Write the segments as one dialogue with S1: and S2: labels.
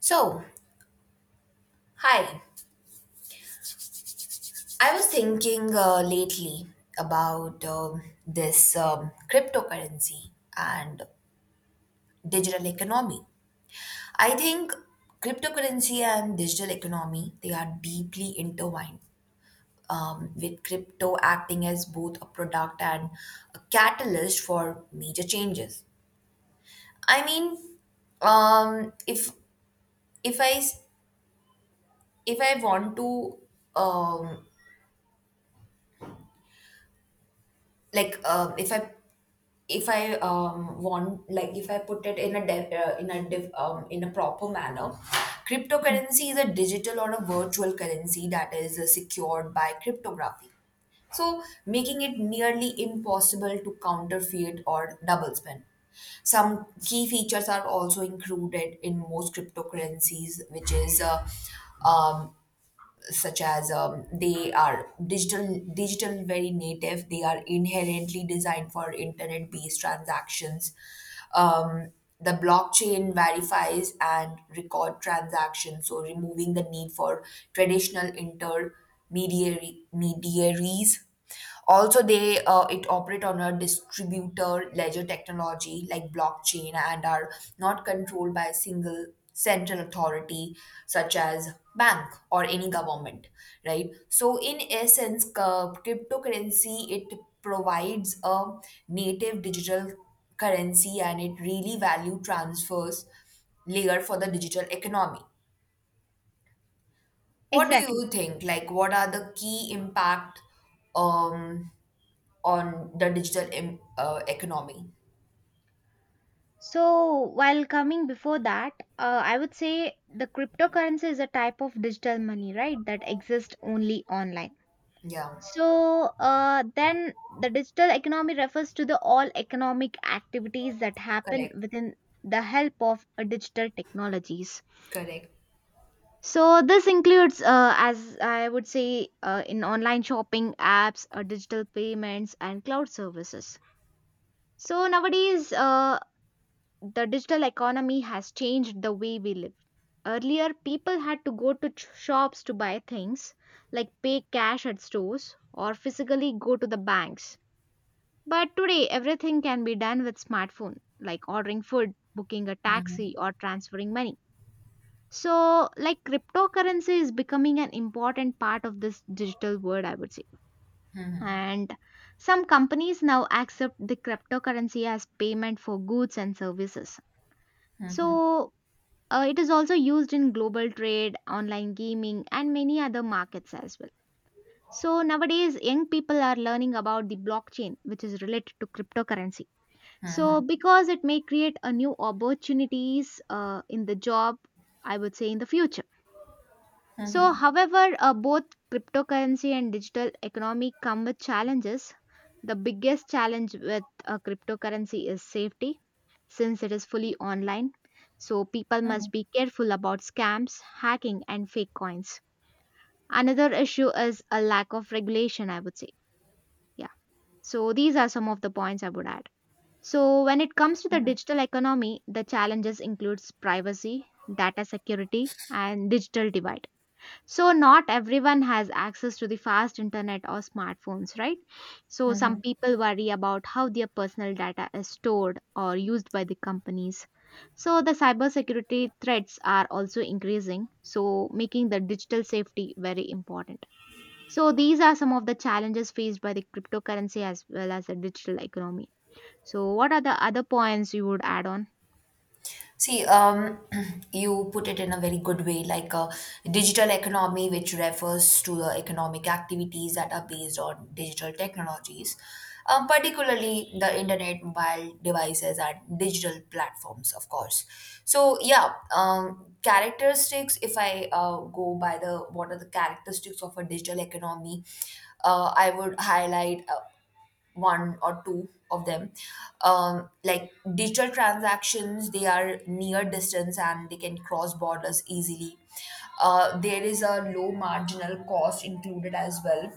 S1: So, hi. I was thinking lately about this cryptocurrency and digital economy. I think cryptocurrency and digital economy they are deeply intertwined. With crypto acting as both a product and a catalyst for major changes. I mean, um, if if I s- if I want to um, like uh, if I if I want, if I put it in a in a proper manner,
S2: Mm,
S1: cryptocurrency is a digital or a virtual currency that is secured by cryptography. So, making it nearly impossible to counterfeit or double spend. Some key features are also included in most cryptocurrencies, which is um, such as they are digital very native, they are inherently designed for internet based transactions. um, the blockchain verifies and record transactions, so removing the need for traditional intermediary mediaries. Also, they it operate on a distributor ledger technology like blockchain and are not controlled by a single central authority such as bank or any government, right? So, in essence, cryptocurrency it provides a native digital currency and it really value transfers layer for the digital economy. What do
S2: exactly.
S1: you think? Like, what are the key impact? Um, on the digital economy.
S2: So, while coming before that, I would say the cryptocurrency is a type of digital money, right, that exists only online.
S1: Yeah,
S2: So, then the digital economy refers to the all economic activities that happen
S1: correct,
S2: within the help of digital technologies.
S1: correct.
S2: So, this includes, as I would say, in online shopping apps, digital payments, and cloud services. So nowadays, the digital economy has changed the way we live. Earlier, people had to go to shops to buy things, like pay cash at stores or physically go to the banks. But today, everything can be done with smartphone, like ordering food, booking a
S1: Hmm.
S2: taxi, or transferring money. So, like cryptocurrency is becoming an important part of this digital world, I would say. And some companies now accept the cryptocurrency as payment for goods and services. So, it is also used in global trade, online gaming, and many other markets as well. So nowadays, young people are learning about the blockchain, which is related to cryptocurrency. So because it may create a new opportunities in the job, I would say in the future. So,
S1: Hmm.
S2: however, both cryptocurrency and digital economy come with challenges. The biggest challenge with cryptocurrency is safety since it is fully online. So people must be careful about scams, hacking, and fake coins. Another issue is a lack of regulation, I would say. Yeah. So these are some of the points I would add. So when it comes to the digital economy, the challenges includes privacy, data security, and digital divide. So, not everyone has access to the fast internet or smartphones, right? So, some
S1: Hmm.
S2: people worry about how their personal data is stored or used by the companies. So, the cybersecurity threats are also increasing, so, making the digital safety very important. So, these are some of the challenges faced by the cryptocurrency as well as the digital economy. So, what are the other points you would add on?
S1: See, you put it in a very good way, like a digital economy, which refers to the economic activities that are based on digital technologies, particularly the internet, mobile devices, and digital platforms, of course. So, yeah, characteristics, if I go by the what are the characteristics of a digital economy, I would highlight. One or two of them, like digital transactions they are near distance and they can cross borders easily. There is a low marginal cost included as well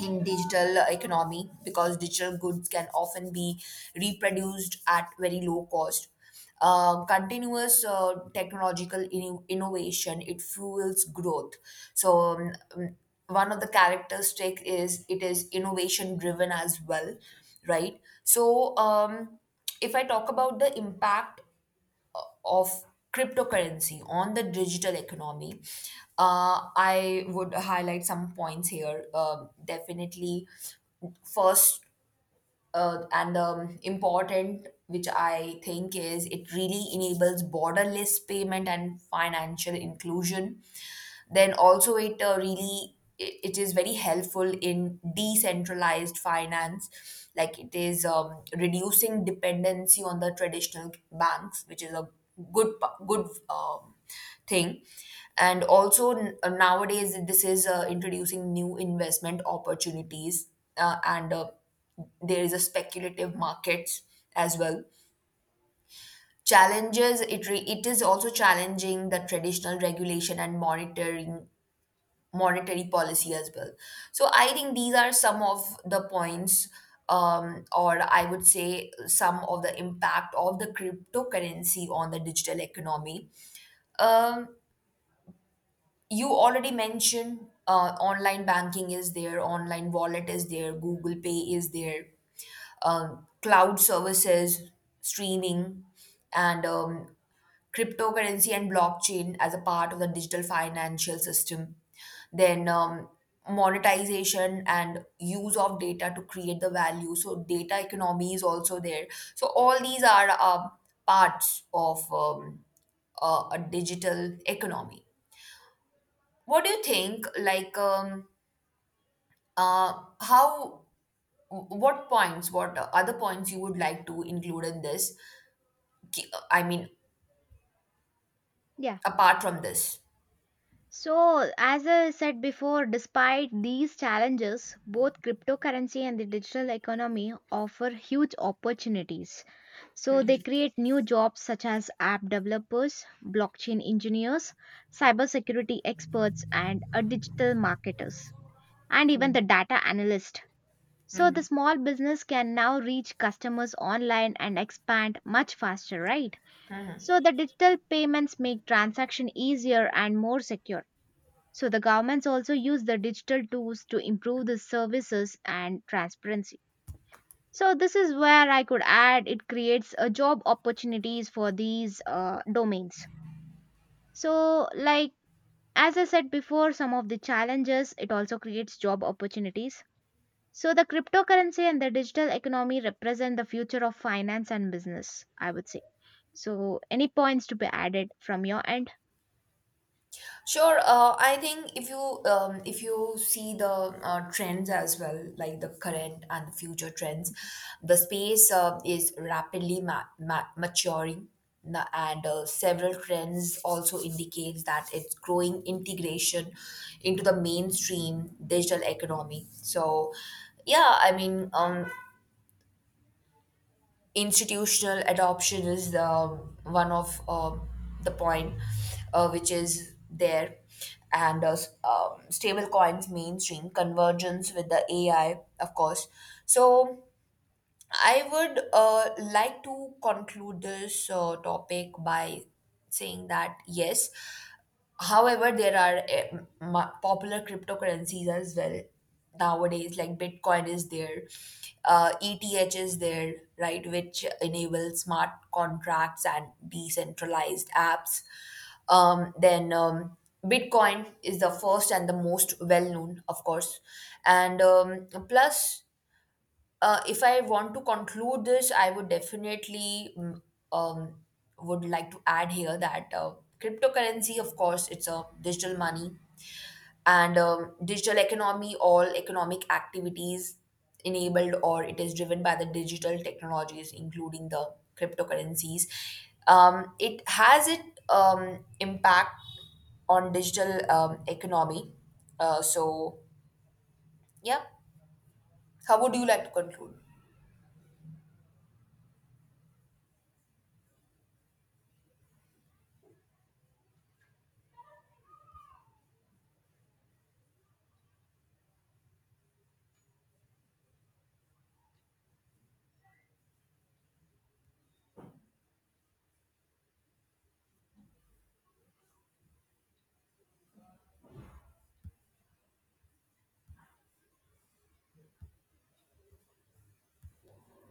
S1: in digital economy because digital goods can often be reproduced at very low cost. Continuous technological innovation it fuels growth. So one of the characteristic is it is innovation driven as well, right? So if I talk about the impact of cryptocurrency on the digital economy, I would highlight some points here. Definitely, first and important which I think is it really enables borderless payment and financial inclusion. Then also it really it is very helpful in decentralized finance, like it is reducing dependency on the traditional banks, which is a good thing. And also nowadays this is introducing new investment opportunities and there is a speculative markets as well. Challenges, it is also challenging the traditional regulation and monitoring monetary policy as well. So I think these are some of the points, or I would say some of the impact of the cryptocurrency on the digital economy. um, you already mentioned online banking is there, online wallet is there, Google Pay is there, cloud services, streaming, and cryptocurrency and blockchain as a part of the digital financial system. Then monetization and use of data to create the value. So data economy is also there. So all these are parts of a digital economy. What do you think? Like, how? What points? What other points you would like to include in this? I mean,
S2: Yeah.
S1: apart from this?
S2: So, as I said before, despite these challenges, both cryptocurrency and the digital economy offer huge opportunities. So, they create new jobs such as app developers, blockchain engineers, cybersecurity experts, and digital marketers, and even the data analyst. So, the
S1: Mhm.
S2: small business can now reach customers online and expand much faster, right? So, the digital payments make transaction easier and more secure so the governments also use the digital tools to improve the services and transparency. So this is where I could add it creates a job opportunities for these domains. So like as I said before, some of the challenges it also creates job opportunities. So the cryptocurrency and the digital economy represent the future of finance and business, I would say. So any points to be added from your end?
S1: Sure. I think if you see the trends as well, like the current and the future trends, the space is rapidly maturing. And several trends also indicates that it's growing integration into the mainstream digital economy. So, yeah, I mean, institutional adoption is the one of the point which is there. And stable coins mainstream convergence with the AI, of course. So I would like to conclude this topic by saying that yes. However, there are popular cryptocurrencies as well nowadays, like Bitcoin is there, ETH is there, right, which enable smart contracts and decentralized apps. Then Bitcoin is the first and the most well known, of course, and plus if I want to conclude this, I would definitely um, would like to add here that cryptocurrency, of course, it's a digital money. And digital economy. All economic activities enabled or it is driven by the digital technologies, including the cryptocurrencies. It has it impact on digital economy. So yeah, how would you like to conclude?